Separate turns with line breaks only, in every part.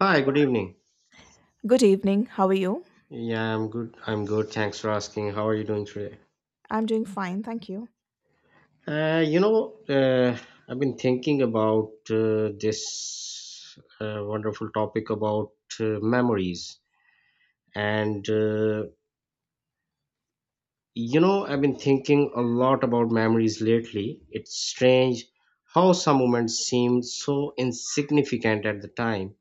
Hi, good evening.
Good evening. How are you?
Yeah, I'm good. I'm good. Thanks for asking. How are you doing today?
I'm doing fine, thank you.
Uh, you know, uh, I've been thinking about this wonderful topic about memories. And, uh, I've been thinking a lot about memories lately. It's strange how some moments seem so insignificant at the time,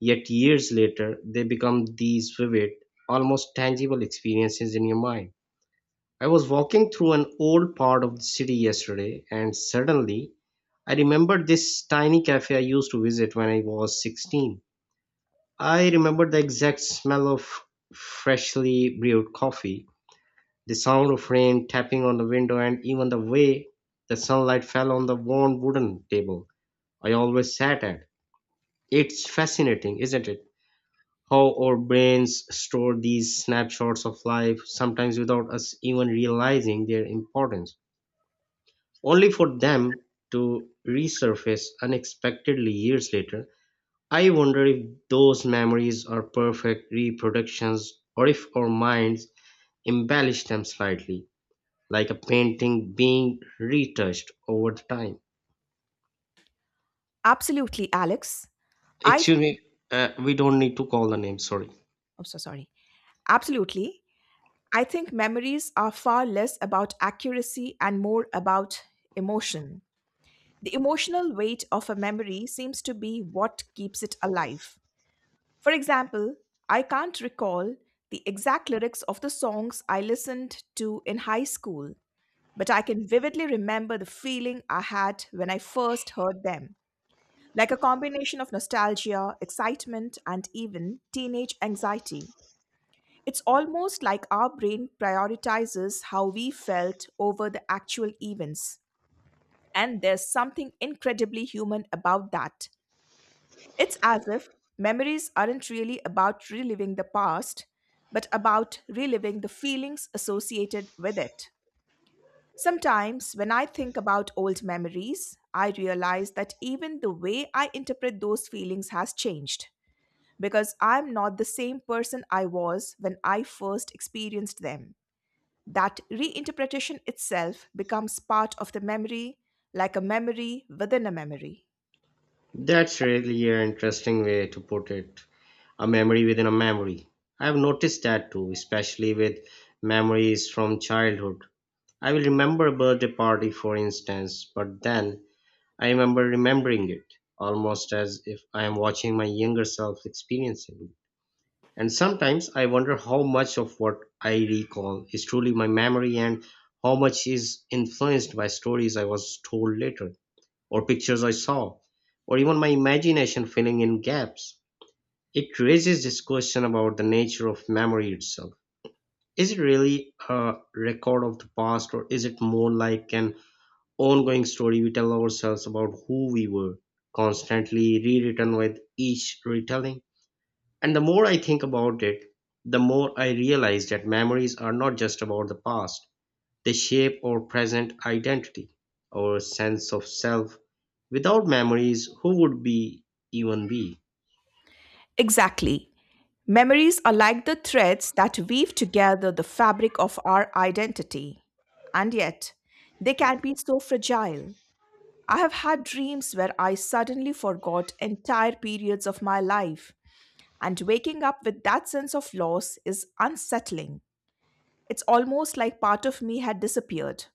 yet years later, they become these vivid, almost tangible experiences in your mind. I was walking through an old part of the city yesterday, and suddenly I remembered this tiny cafe I used to visit when I was 16. I remembered the exact smell of freshly brewed coffee, the sound of rain tapping on the window, and even the way the sunlight fell on the worn wooden table I always sat at. It's fascinating, isn't it? How our brains store these snapshots of life, sometimes without us even realizing their importance, only for them to resurface unexpectedly years later. I wonder if those memories are perfect reproductions or if our minds embellish them slightly, like a painting being retouched over the time.
Absolutely, Alex. I th-
Excuse me, we don't need to call the name, sorry.
I'm so sorry. Absolutely. I think memories are far less about accuracy and more about emotion. The emotional weight of a memory seems to be what keeps it alive. For example, I can't recall the exact lyrics of the songs I listened to in high school, but I can vividly remember the feeling I had when I first heard them. Like a combination of nostalgia, excitement, and even teenage anxiety. It's almost like our brain prioritizes how we felt over the actual events. And there's something incredibly human about that. It's as if memories aren't really about reliving the past, but about reliving the feelings associated with it. Sometimes, when I think about old memories, I realize that even the way I interpret those feelings has changed, because I'm not the same person I was when I first experienced them. That reinterpretation itself becomes part of the memory, like a memory within a memory.
That's really an interesting way to put it. A memory within a memory. I've noticed that too, especially with memories from childhood. I will remember a birthday party, for instance, but then I remember remembering it, almost as if I am watching my younger self experiencing it. And sometimes I wonder how much of what I recall is truly my memory and how much is influenced by stories I was told later, or pictures I saw, or even my imagination filling in gaps. It raises this question about the nature of memory itself. Is it really a record of the past, or is it more like an ongoing story we tell ourselves about who we were, constantly rewritten with each retelling? And the more I think about it, the more I realize that memories are not just about the past. They shape our present identity, our sense of self. Without memories, who would we even be?
Exactly. Memories are like the threads that weave together the fabric of our identity. And yet, they can be so fragile. I have had dreams where I suddenly forgot entire periods of my life, and waking up with that sense of loss is unsettling. It's almost like part of me had disappeared.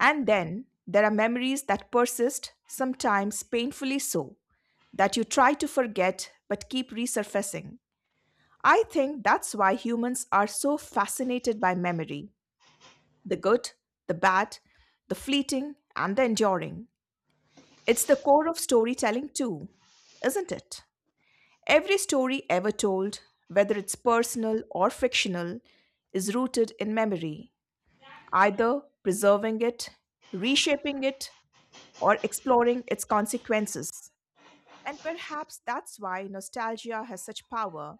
And then there are memories that persist, sometimes painfully so, that you try to forget but keep resurfacing. I think that's why humans are so fascinated by memory: the good, the bad, the fleeting, and the enduring. It's the core of storytelling, too, isn't it? Every story ever told, whether it's personal or fictional, is rooted in memory, either preserving it, reshaping it, or exploring its consequences. And perhaps that's why nostalgia has such power.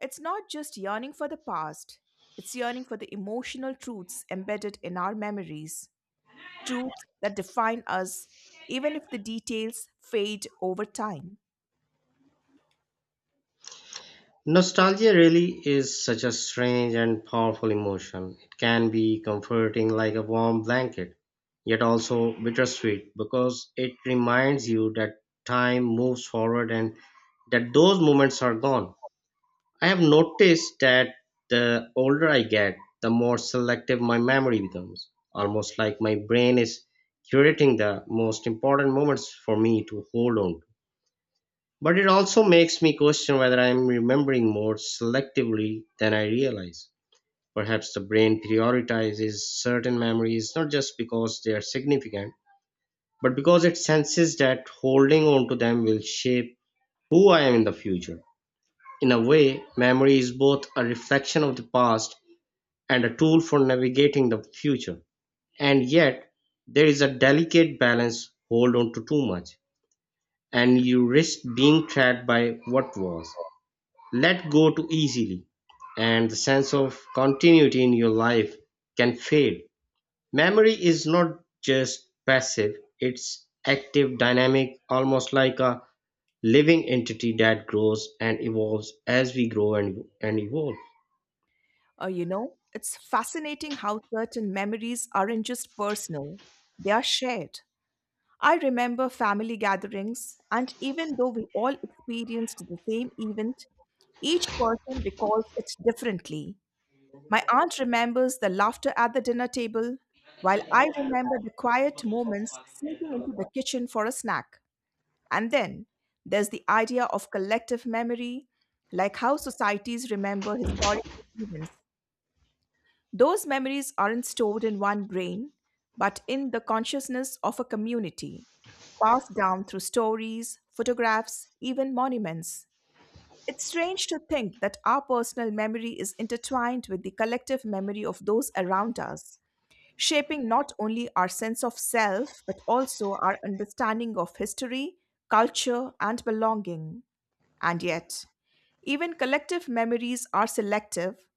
It's not just yearning for the past, it's yearning for the emotional truths embedded in our memories, truths that define us, even if the details fade over time.
Nostalgia really is such a strange and powerful emotion. It can be comforting like a warm blanket, yet also bittersweet because it reminds you that time moves forward and that those moments are gone. I have noticed that the older I get, the more selective my memory becomes. Almost like my brain is curating the most important moments for me to hold on to. But it also makes me question whether I am remembering more selectively than I realize. Perhaps the brain prioritizes certain memories not just because they are significant, but because it senses that holding on to them will shape who I am in the future. In a way, memory is both a reflection of the past and a tool for navigating the future. And yet, there is a delicate balance. Hold on to too much, and you risk being trapped by what was; let go too easily, and the sense of continuity in your life can fade. Memory is not just passive, it's active, dynamic, almost like a living entity that grows and evolves as we grow and evolve.
It's fascinating how certain memories aren't just personal, they are shared. I remember family gatherings, and even though we all experienced the same event, each person recalls it differently. My aunt remembers the laughter at the dinner table, while I remember the quiet moments sneaking into the kitchen for a snack. And then there's the idea of collective memory, like how societies remember historical events. Those memories aren't stored in one brain, but in the consciousness of a community, passed down through stories, photographs, even monuments. It's strange to think that our personal memory is intertwined with the collective memory of those around us, shaping not only our sense of self, but also our understanding of history, culture, and belonging. And yet, even collective memories are selective,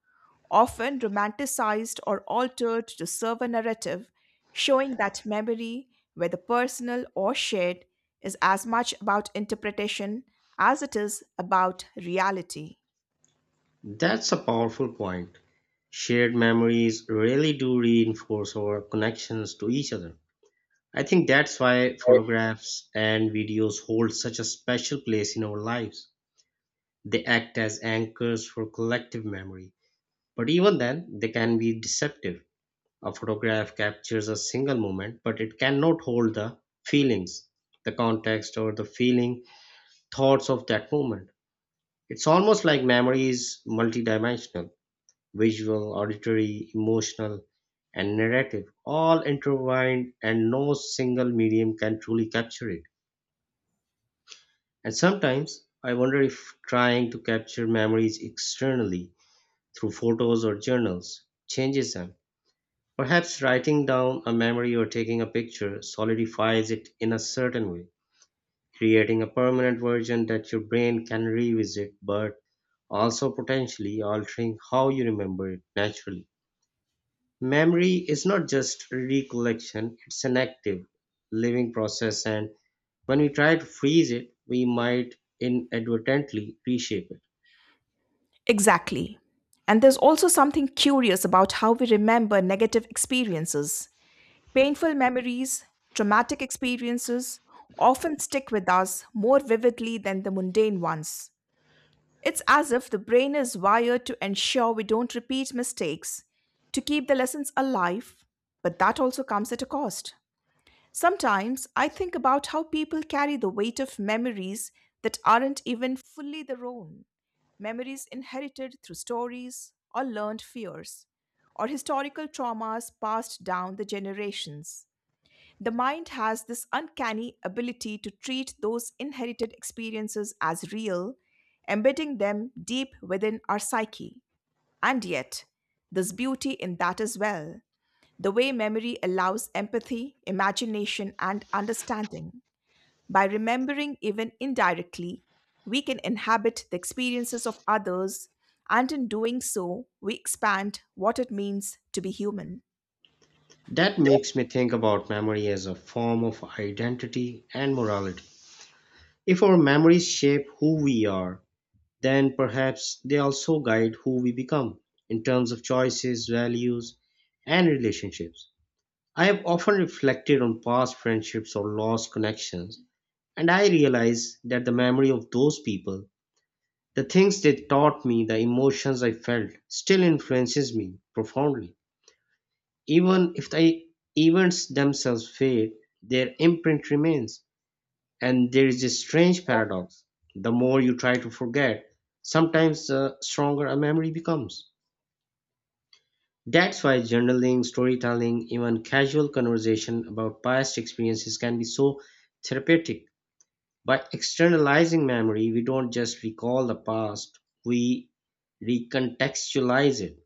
often romanticized or altered to serve a narrative, showing that memory, whether personal or shared, is as much about interpretation as it is about reality.
That's a powerful point. Shared memories really do reinforce our connections to each other. I think that's why photographs and videos hold such a special place in our lives. They act as anchors for collective memory. But even then, they can be deceptive. A photograph captures a single moment, but it cannot hold the feelings, the context, or the feeling thoughts of that moment. It's almost like memory is multidimensional: visual, auditory, emotional, and narrative, all intertwined, and no single medium can truly capture it. And sometimes I wonder if trying to capture memories externally, through photos or journals, changes them. Perhaps writing down a memory or taking a picture solidifies it in a certain way, creating a permanent version that your brain can revisit but also potentially altering how you remember it naturally. Memory is not just recollection, it's an active, living process, and when we try to freeze it, we might inadvertently reshape it.
Exactly. And there's also something curious about how we remember negative experiences. Painful memories, traumatic experiences often stick with us more vividly than the mundane ones. It's as if the brain is wired to ensure we don't repeat mistakes, to keep the lessons alive, but that also comes at a cost. Sometimes I think about how people carry the weight of memories that aren't even fully their own, memories inherited through stories or learned fears, or historical traumas passed down the generations. The mind has this uncanny ability to treat those inherited experiences as real, embedding them deep within our psyche. And yet, there's beauty in that as well: the way memory allows empathy, imagination, and understanding. By remembering, even indirectly, we can inhabit the experiences of others, and in doing so, we expand what it means to be human.
That makes me think about memory as a form of identity and morality. If our memories shape who we are, then perhaps they also guide who we become in terms of choices, values, and relationships. I have often reflected on past friendships or lost connections, and I realize that the memory of those people, the things they taught me, the emotions I felt, still influences me profoundly. Even if the events themselves fade, their imprint remains. And there is a strange paradox. The more you try to forget, sometimes the stronger a memory becomes. That's why journaling, storytelling, even casual conversation about past experiences can be so therapeutic. By externalizing memory, we don't just recall the past, we recontextualize it,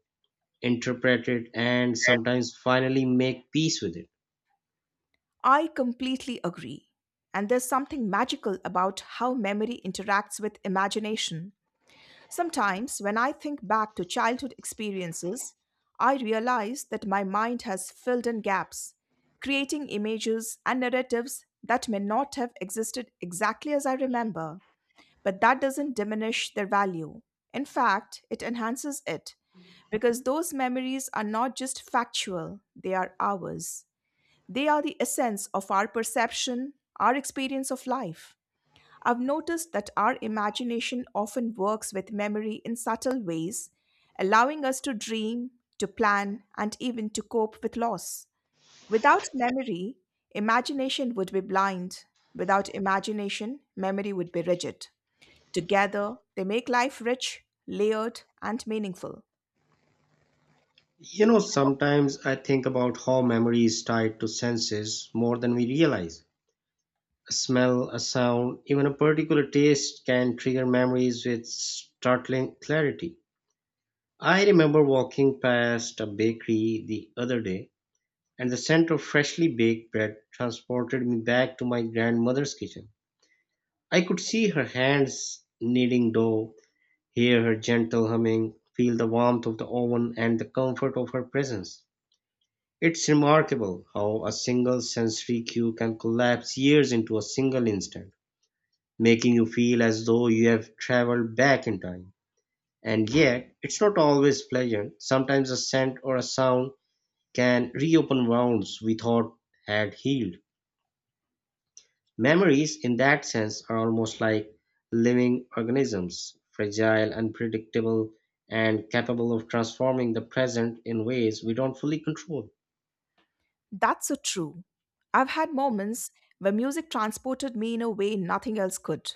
interpret it, and sometimes finally make peace with it.
I completely agree. And there's something magical about how memory interacts with imagination. Sometimes, when I think back to childhood experiences, I realize that my mind has filled in gaps, creating images and narratives that may not have existed exactly as I remember. But that doesn't diminish their value. In fact, it enhances it, because those memories are not just factual, they are ours. They are the essence of our perception, our experience of life. I've noticed that our imagination often works with memory in subtle ways, allowing us to dream, to plan, and even to cope with loss. Without memory, imagination would be blind. Without imagination, memory would be rigid. Together, they make life rich, layered, and meaningful.
You know, sometimes I think about how memory is tied to senses more than we realize. A smell, a sound, even a particular taste can trigger memories with startling clarity. I remember walking past a bakery the other day and the scent of freshly baked bread transported me back to my grandmother's kitchen. I could see her hands kneading dough, hear her gentle humming, feel the warmth of the oven and the comfort of her presence. It's remarkable how a single sensory cue can collapse years into a single instant, making you feel as though you have traveled back in time. And yet, it's not always pleasant. Sometimes a scent or a sound can reopen wounds we thought had healed. Memories, in that sense, are almost like living organisms, fragile, unpredictable, and capable of transforming the present in ways we don't fully control.
That's so true. I've had moments where music transported me in a way nothing else could.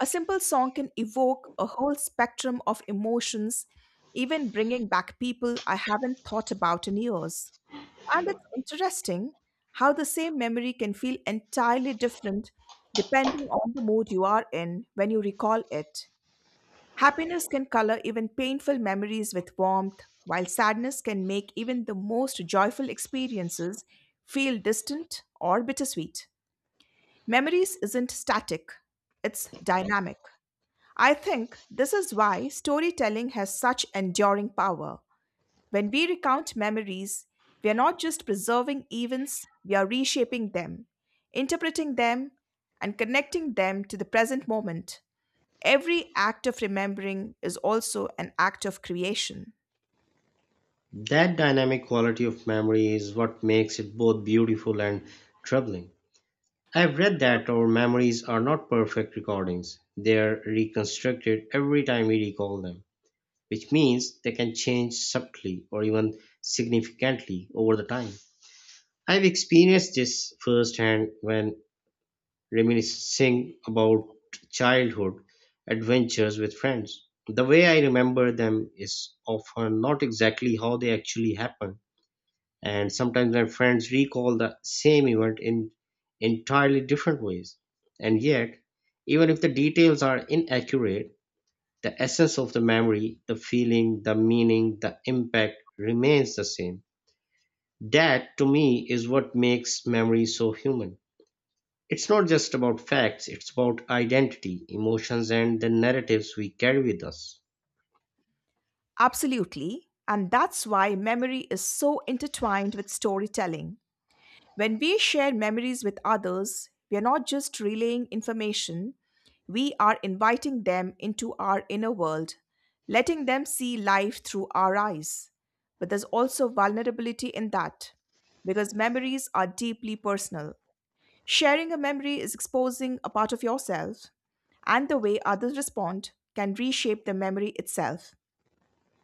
A simple song can evoke a whole spectrum of emotions, even bringing back people I haven't thought about in years. And it's interesting how the same memory can feel entirely different depending on the mood you are in when you recall it. Happiness can color even painful memories with warmth, while sadness can make even the most joyful experiences feel distant or bittersweet. Memories isn't static, it's dynamic. I think this is why storytelling has such enduring power. When we recount memories, we are not just preserving events, we are reshaping them, interpreting them, and connecting them to the present moment. Every act of remembering is also an act of creation.
That dynamic quality of memory is what makes it both beautiful and troubling. I've read that our memories are not perfect recordings, they are reconstructed every time we recall them, which means they can change subtly or even significantly over the time. I've experienced this firsthand when reminiscing about childhood adventures with friends. The way I remember them is often not exactly how they actually happened, and sometimes my friends recall the same event in entirely different ways. And yet, even if the details are inaccurate, the essence of the memory, the feeling, the meaning, the impact remains the same. That, to me, is what makes memory so human. It's not just about facts, it's about identity, emotions, and the narratives we carry with us.
Absolutely. And that's why memory is so intertwined with storytelling. When we share memories with others, we are not just relaying information, we are inviting them into our inner world, letting them see life through our eyes. But there's also vulnerability in that, because memories are deeply personal. Sharing a memory is exposing a part of yourself, and the way others respond can reshape the memory itself.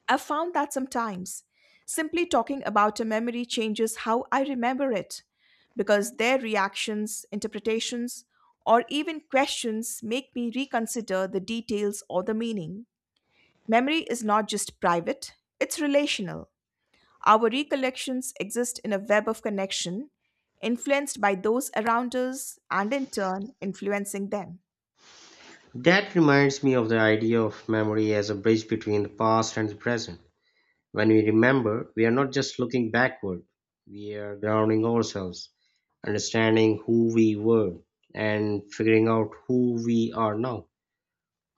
I've found that sometimes simply talking about a memory changes how I remember it, because their reactions, interpretations, or even questions make me reconsider the details or the meaning. Memory is not just private, it's relational. Our recollections exist in a web of connection, influenced by those around us and in turn influencing them.
That reminds me of the idea of memory as a bridge between the past and the present. When we remember, we are not just looking backward, we are grounding ourselves, understanding who we were, and figuring out who we are now.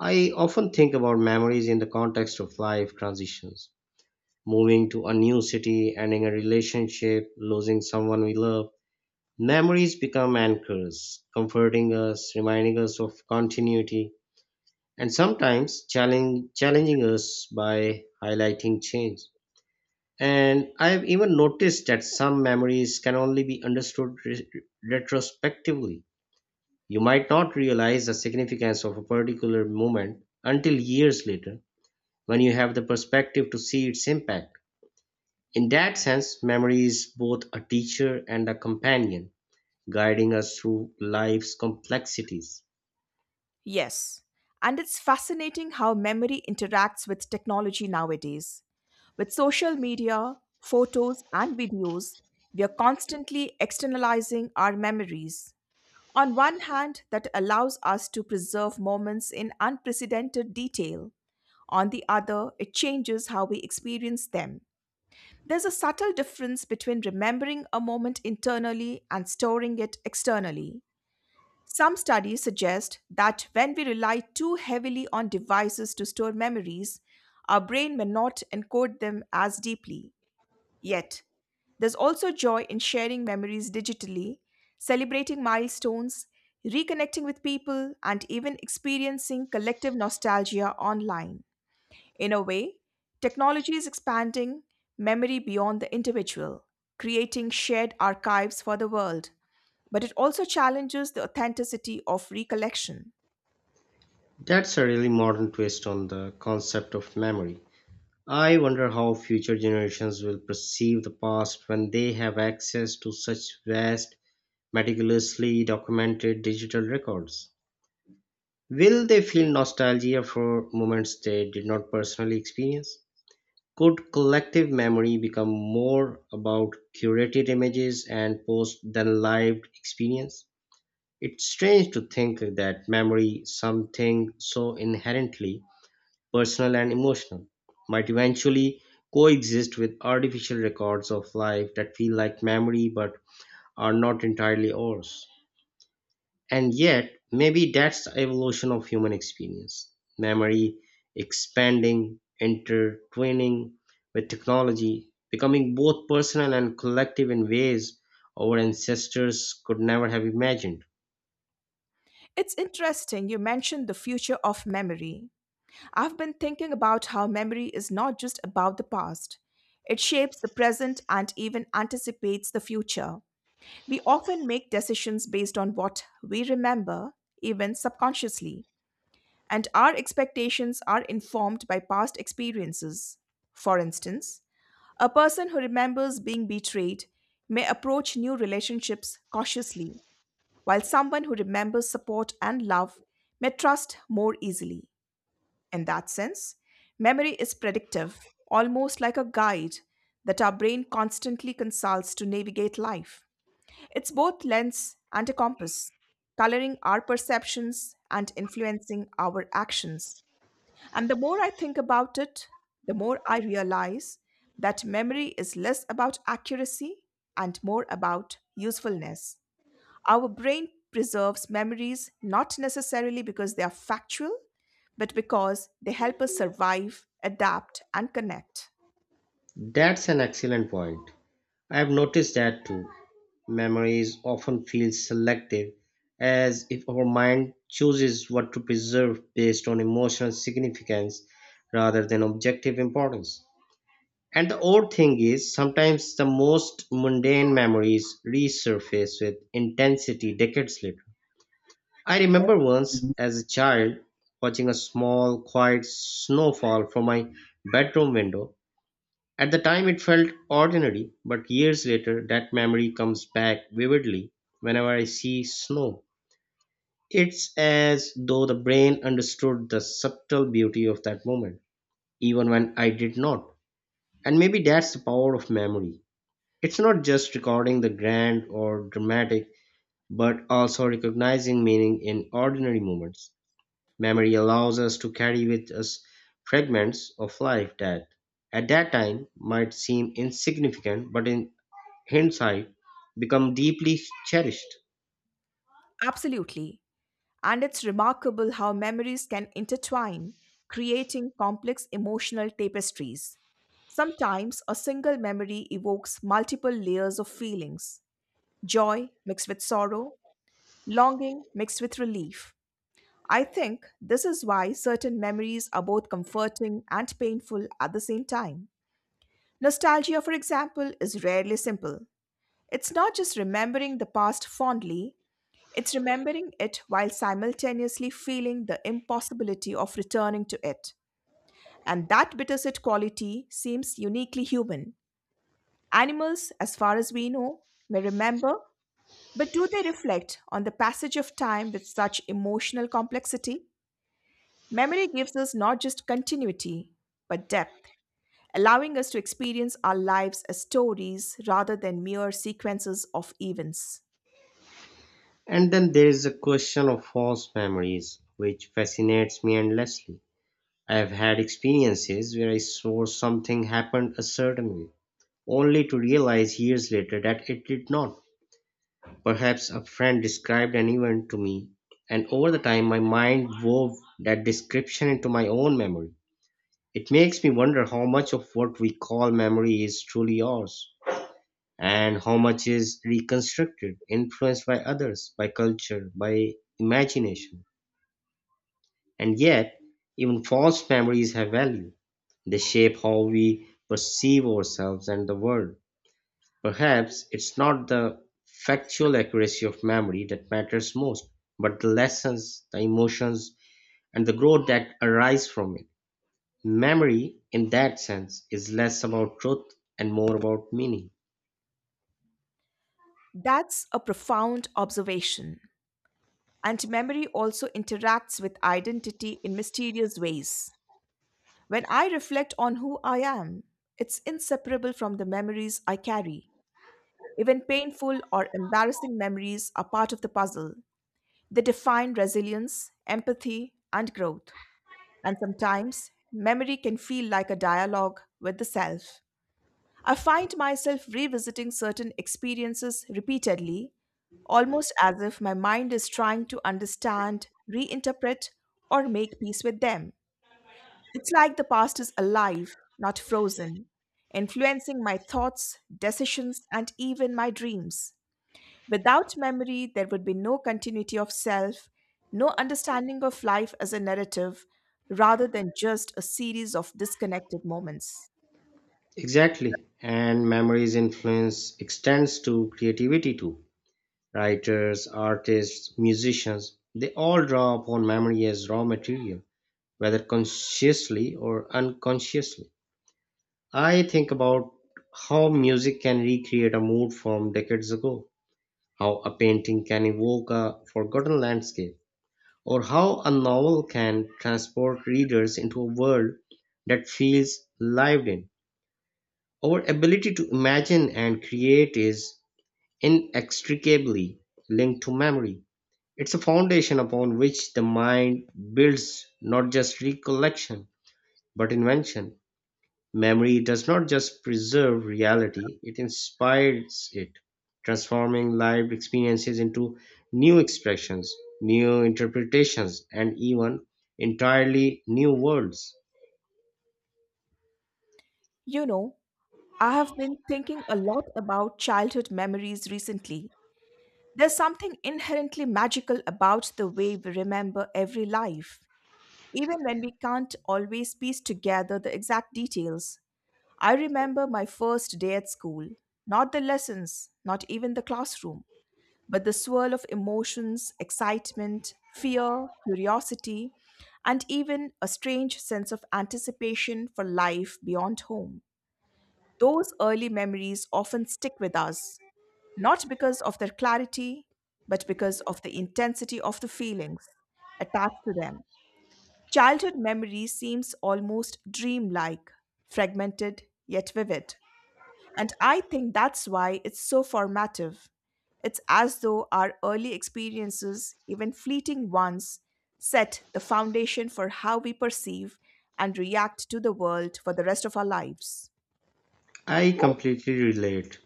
I often think about memories in the context of life transitions: moving to a new city, ending a relationship, losing someone we love. Memories become anchors, comforting us, reminding us of continuity, and sometimes challenging us by highlighting change. And I've even noticed that some memories can only be understood retrospectively. You might not realize the significance of a particular moment until years later when you have the perspective to see its impact. In that sense, memory is both a teacher and a companion, guiding us through life's complexities.
Yes, and it's fascinating how memory interacts with technology nowadays. With social media, photos, and videos, we are constantly externalizing our memories. On one hand, that allows us to preserve moments in unprecedented detail. On the other, it changes how we experience them. There's a subtle difference between remembering a moment internally and storing it externally. Some studies suggest that when we rely too heavily on devices to store memories, our brain may not encode them as deeply. Yet, there's also joy in sharing memories digitally, celebrating milestones, reconnecting with people, and even experiencing collective nostalgia online. In a way, technology is expanding memory beyond the individual, creating shared archives for the world, but it also challenges the authenticity of recollection.
That's a really modern twist on the concept of memory. I wonder how future generations will perceive the past when they have access to such vast, meticulously documented digital records. Will they feel nostalgia for moments they did not personally experience? Could collective memory become more about curated images and post than lived experience? It's strange to think that memory, something so inherently personal and emotional, might eventually coexist with artificial records of life that feel like memory but are not entirely ours. And yet, maybe that's the evolution of human experience. Memory expanding, intertwining with technology, becoming both personal and collective in ways our ancestors could never have imagined.
It's interesting you mentioned the future of memory. I've been thinking about how memory is not just about the past, it shapes the present and even anticipates the future. We often make decisions based on what we remember, even subconsciously, and our expectations are informed by past experiences. For instance, a person who remembers being betrayed may approach new relationships cautiously, while someone who remembers support and love may trust more easily. In that sense, memory is predictive, almost like a guide that our brain constantly consults to navigate life. It's both lens and a compass, coloring our perceptions and influencing our actions. And the more I think about it, the more I realize that memory is less about accuracy and more about usefulness. Our brain preserves memories not necessarily because they are factual, but because they help us survive, adapt, and connect.
That's an excellent point. I've noticed that too. Memories often feel selective, as if our mind chooses what to preserve based on emotional significance rather than objective importance. And the odd thing is, sometimes the most mundane memories resurface with intensity decades later. I remember once as a child watching a small, quiet snowfall from my bedroom window. At the time it felt ordinary, but years later that memory comes back vividly whenever I see snow. It's as though the brain understood the subtle beauty of that moment, even when I did not. And maybe that's the power of memory. It's not just recording the grand or dramatic, but also recognizing meaning in ordinary moments. Memory allows us to carry with us fragments of life that at that time might seem insignificant but in hindsight become deeply cherished.
Absolutely. And it's remarkable how memories can intertwine, creating complex emotional tapestries. Sometimes a single memory evokes multiple layers of feelings: joy mixed with sorrow, longing mixed with relief. I think this is why certain memories are both comforting and painful at the same time. Nostalgia, for example, is rarely simple. It's not just remembering the past fondly, it's remembering it while simultaneously feeling the impossibility of returning to it. And that bittersweet quality seems uniquely human. Animals, as far as we know, may remember, but do they reflect on the passage of time with such emotional complexity? Memory gives us not just continuity, but depth, allowing us to experience our lives as stories rather than mere sequences of events.
And then there is a question of false memories, which fascinates me endlessly. I have had experiences where I swore something happened a certain way, only to realize years later that it did not. Perhaps a friend described an event to me, and over the time my mind wove that description into my own memory. It makes me wonder how much of what we call memory is truly ours and how much is reconstructed, influenced by others, by culture, by imagination. And yet, even false memories have value. They shape how we perceive ourselves and the world. Perhaps it's not the factual accuracy of memory that matters most, but the lessons, the emotions, and the growth that arise from it. Memory, in that sense, is less about truth and more about meaning.
That's a profound observation. And memory also interacts with identity in mysterious ways. When I reflect on who I am, it's inseparable from the memories I carry. Even painful or embarrassing memories are part of the puzzle. They define resilience, empathy, and growth. And sometimes, memory can feel like a dialogue with the self. I find myself revisiting certain experiences repeatedly, almost as if my mind is trying to understand, reinterpret, or make peace with them. It's like the past is alive, not frozen, influencing my thoughts, decisions, and even my dreams. Without memory, there would be no continuity of self, no understanding of life as a narrative, rather than just a series of disconnected moments.
Exactly. And memory's influence extends to creativity too. Writers, artists, musicians, they all draw upon memory as raw material, whether consciously or unconsciously. I think about how music can recreate a mood from decades ago, how a painting can evoke a forgotten landscape, or how a novel can transport readers into a world that feels lived in. Our ability to imagine and create is inextricably linked to memory. It's a foundation upon which the mind builds not just recollection, but invention. Memory does not just preserve reality, it inspires it, transforming lived experiences into new expressions, new interpretations, and even entirely new worlds.
You know, I have been thinking a lot about childhood memories recently. There's something inherently magical about the way we remember every life, even when we can't always piece together the exact details. I remember my first day at school, not the lessons, not even the classroom, but the swirl of emotions, excitement, fear, curiosity, and even a strange sense of anticipation for life beyond home. Those early memories often stick with us, not because of their clarity, but because of the intensity of the feelings attached to them. Childhood memory seems almost dreamlike, fragmented yet vivid. And I think that's why it's so formative. It's as though our early experiences, even fleeting ones, set the foundation for how we perceive and react to the world for the rest of our lives.
I completely relate.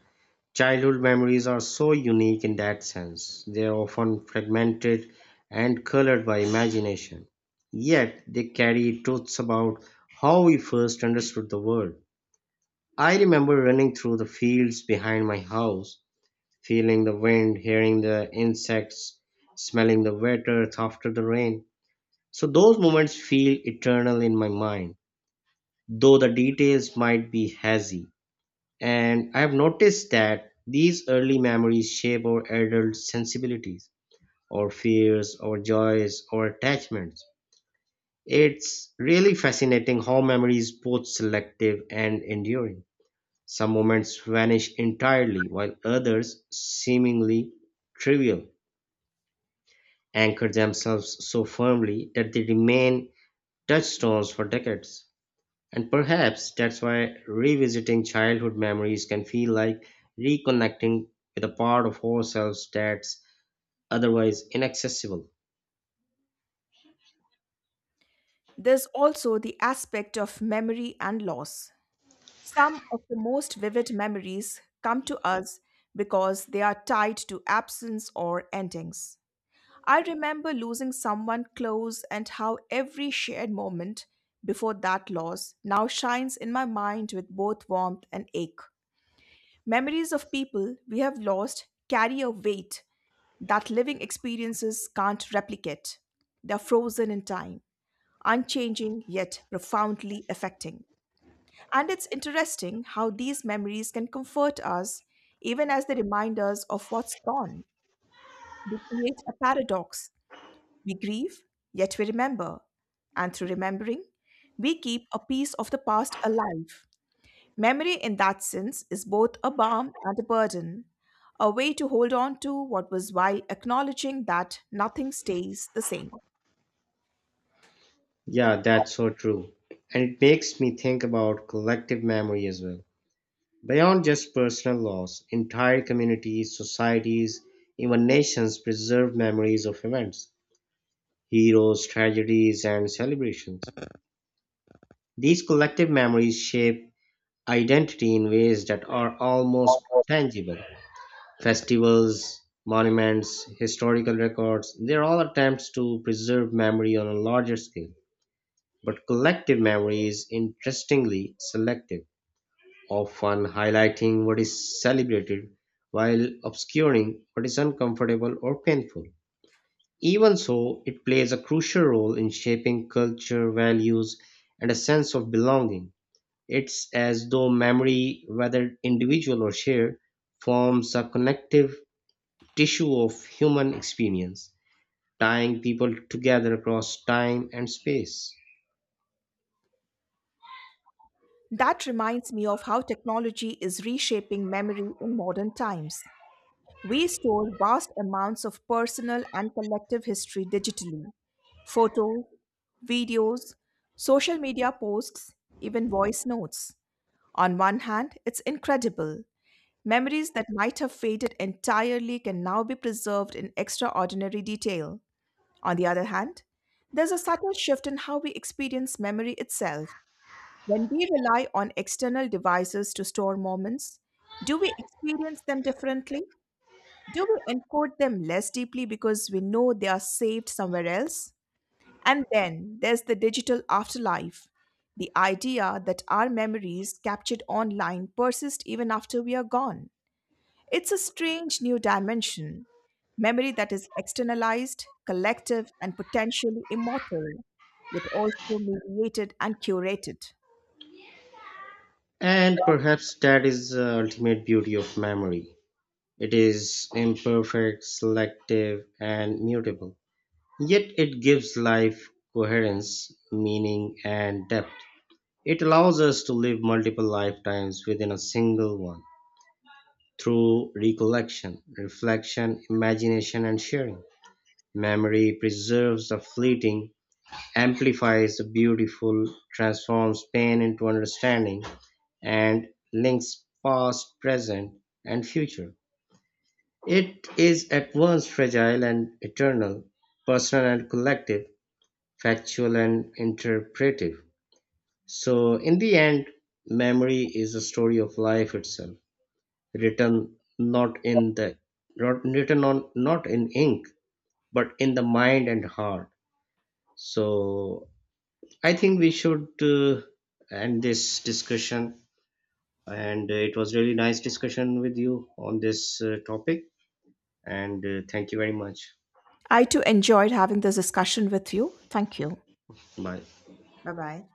Childhood memories are so unique in that sense. They are often fragmented and colored by imagination. Yet they carry truths about how we first understood the world. I remember running through the fields behind my house, feeling the wind, hearing the insects, smelling the wet earth after the rain. So those moments feel eternal in my mind, though the details might be hazy. And I have noticed that these early memories shape our adult sensibilities, our fears, our joys, our attachments. It's really fascinating how memory is both selective and enduring. Some moments vanish entirely, while others, seemingly trivial, anchor themselves so firmly that they remain touchstones for decades. And perhaps that's why revisiting childhood memories can feel like reconnecting with a part of ourselves that's otherwise inaccessible.
There's also the aspect of memory and loss. Some of the most vivid memories come to us because they are tied to absence or endings. I remember losing someone close and how every shared moment before that loss now shines in my mind with both warmth and ache. Memories of people we have lost carry a weight that living experiences can't replicate. They're frozen in time, unchanging yet profoundly affecting. And it's interesting how these memories can comfort us even as they remind us of what's gone. They create a paradox. We grieve, yet we remember. And through remembering, we keep a piece of the past alive. Memory, in that sense, is both a balm and a burden, a way to hold on to what was while acknowledging that nothing stays the same.
Yeah, that's so true. And it makes me think about collective memory as well. Beyond just personal loss, entire communities, societies, even nations preserve memories of events, heroes, tragedies, and celebrations. These collective memories shape identity in ways that are almost tangible. Festivals, monuments, historical records, they're all attempts to preserve memory on a larger scale. But collective memory is interestingly selective, often highlighting what is celebrated while obscuring what is uncomfortable or painful. Even so, it plays a crucial role in shaping culture, values, and a sense of belonging. It's as though memory, whether individual or shared, forms a connective tissue of human experience, tying people together across time and space.
That reminds me of how technology is reshaping memory in modern times. We store vast amounts of personal and collective history digitally: photos, videos, social media posts, even voice notes. On one hand, it's incredible. Memories that might have faded entirely can now be preserved in extraordinary detail. On the other hand, there's a subtle shift in how we experience memory itself. When we rely on external devices to store moments, do we experience them differently? Do we encode them less deeply because we know they are saved somewhere else? And then there's the digital afterlife, the idea that our memories captured online persist even after we are gone. It's a strange new dimension: memory that is externalized, collective, and potentially immortal, yet also mediated and curated.
And perhaps that is the ultimate beauty of memory. It is imperfect, selective, and mutable. Yet it gives life coherence, meaning, and depth. It allows us to live multiple lifetimes within a single one through recollection, reflection, imagination, and sharing. Memory preserves the fleeting amplifies the beautiful, transforms pain into understanding, and links past, present, and future. It is at once fragile and eternal, personal and collective, factual and interpretive. So, in the end, memory is a story of life itself, written not in the not, written on not in ink, but in the mind and heart. So, I think we should end this discussion. And it was really nice discussion with you on this topic. And thank you very much.
I too enjoyed having this discussion with you. Thank you.
Bye.
Bye bye.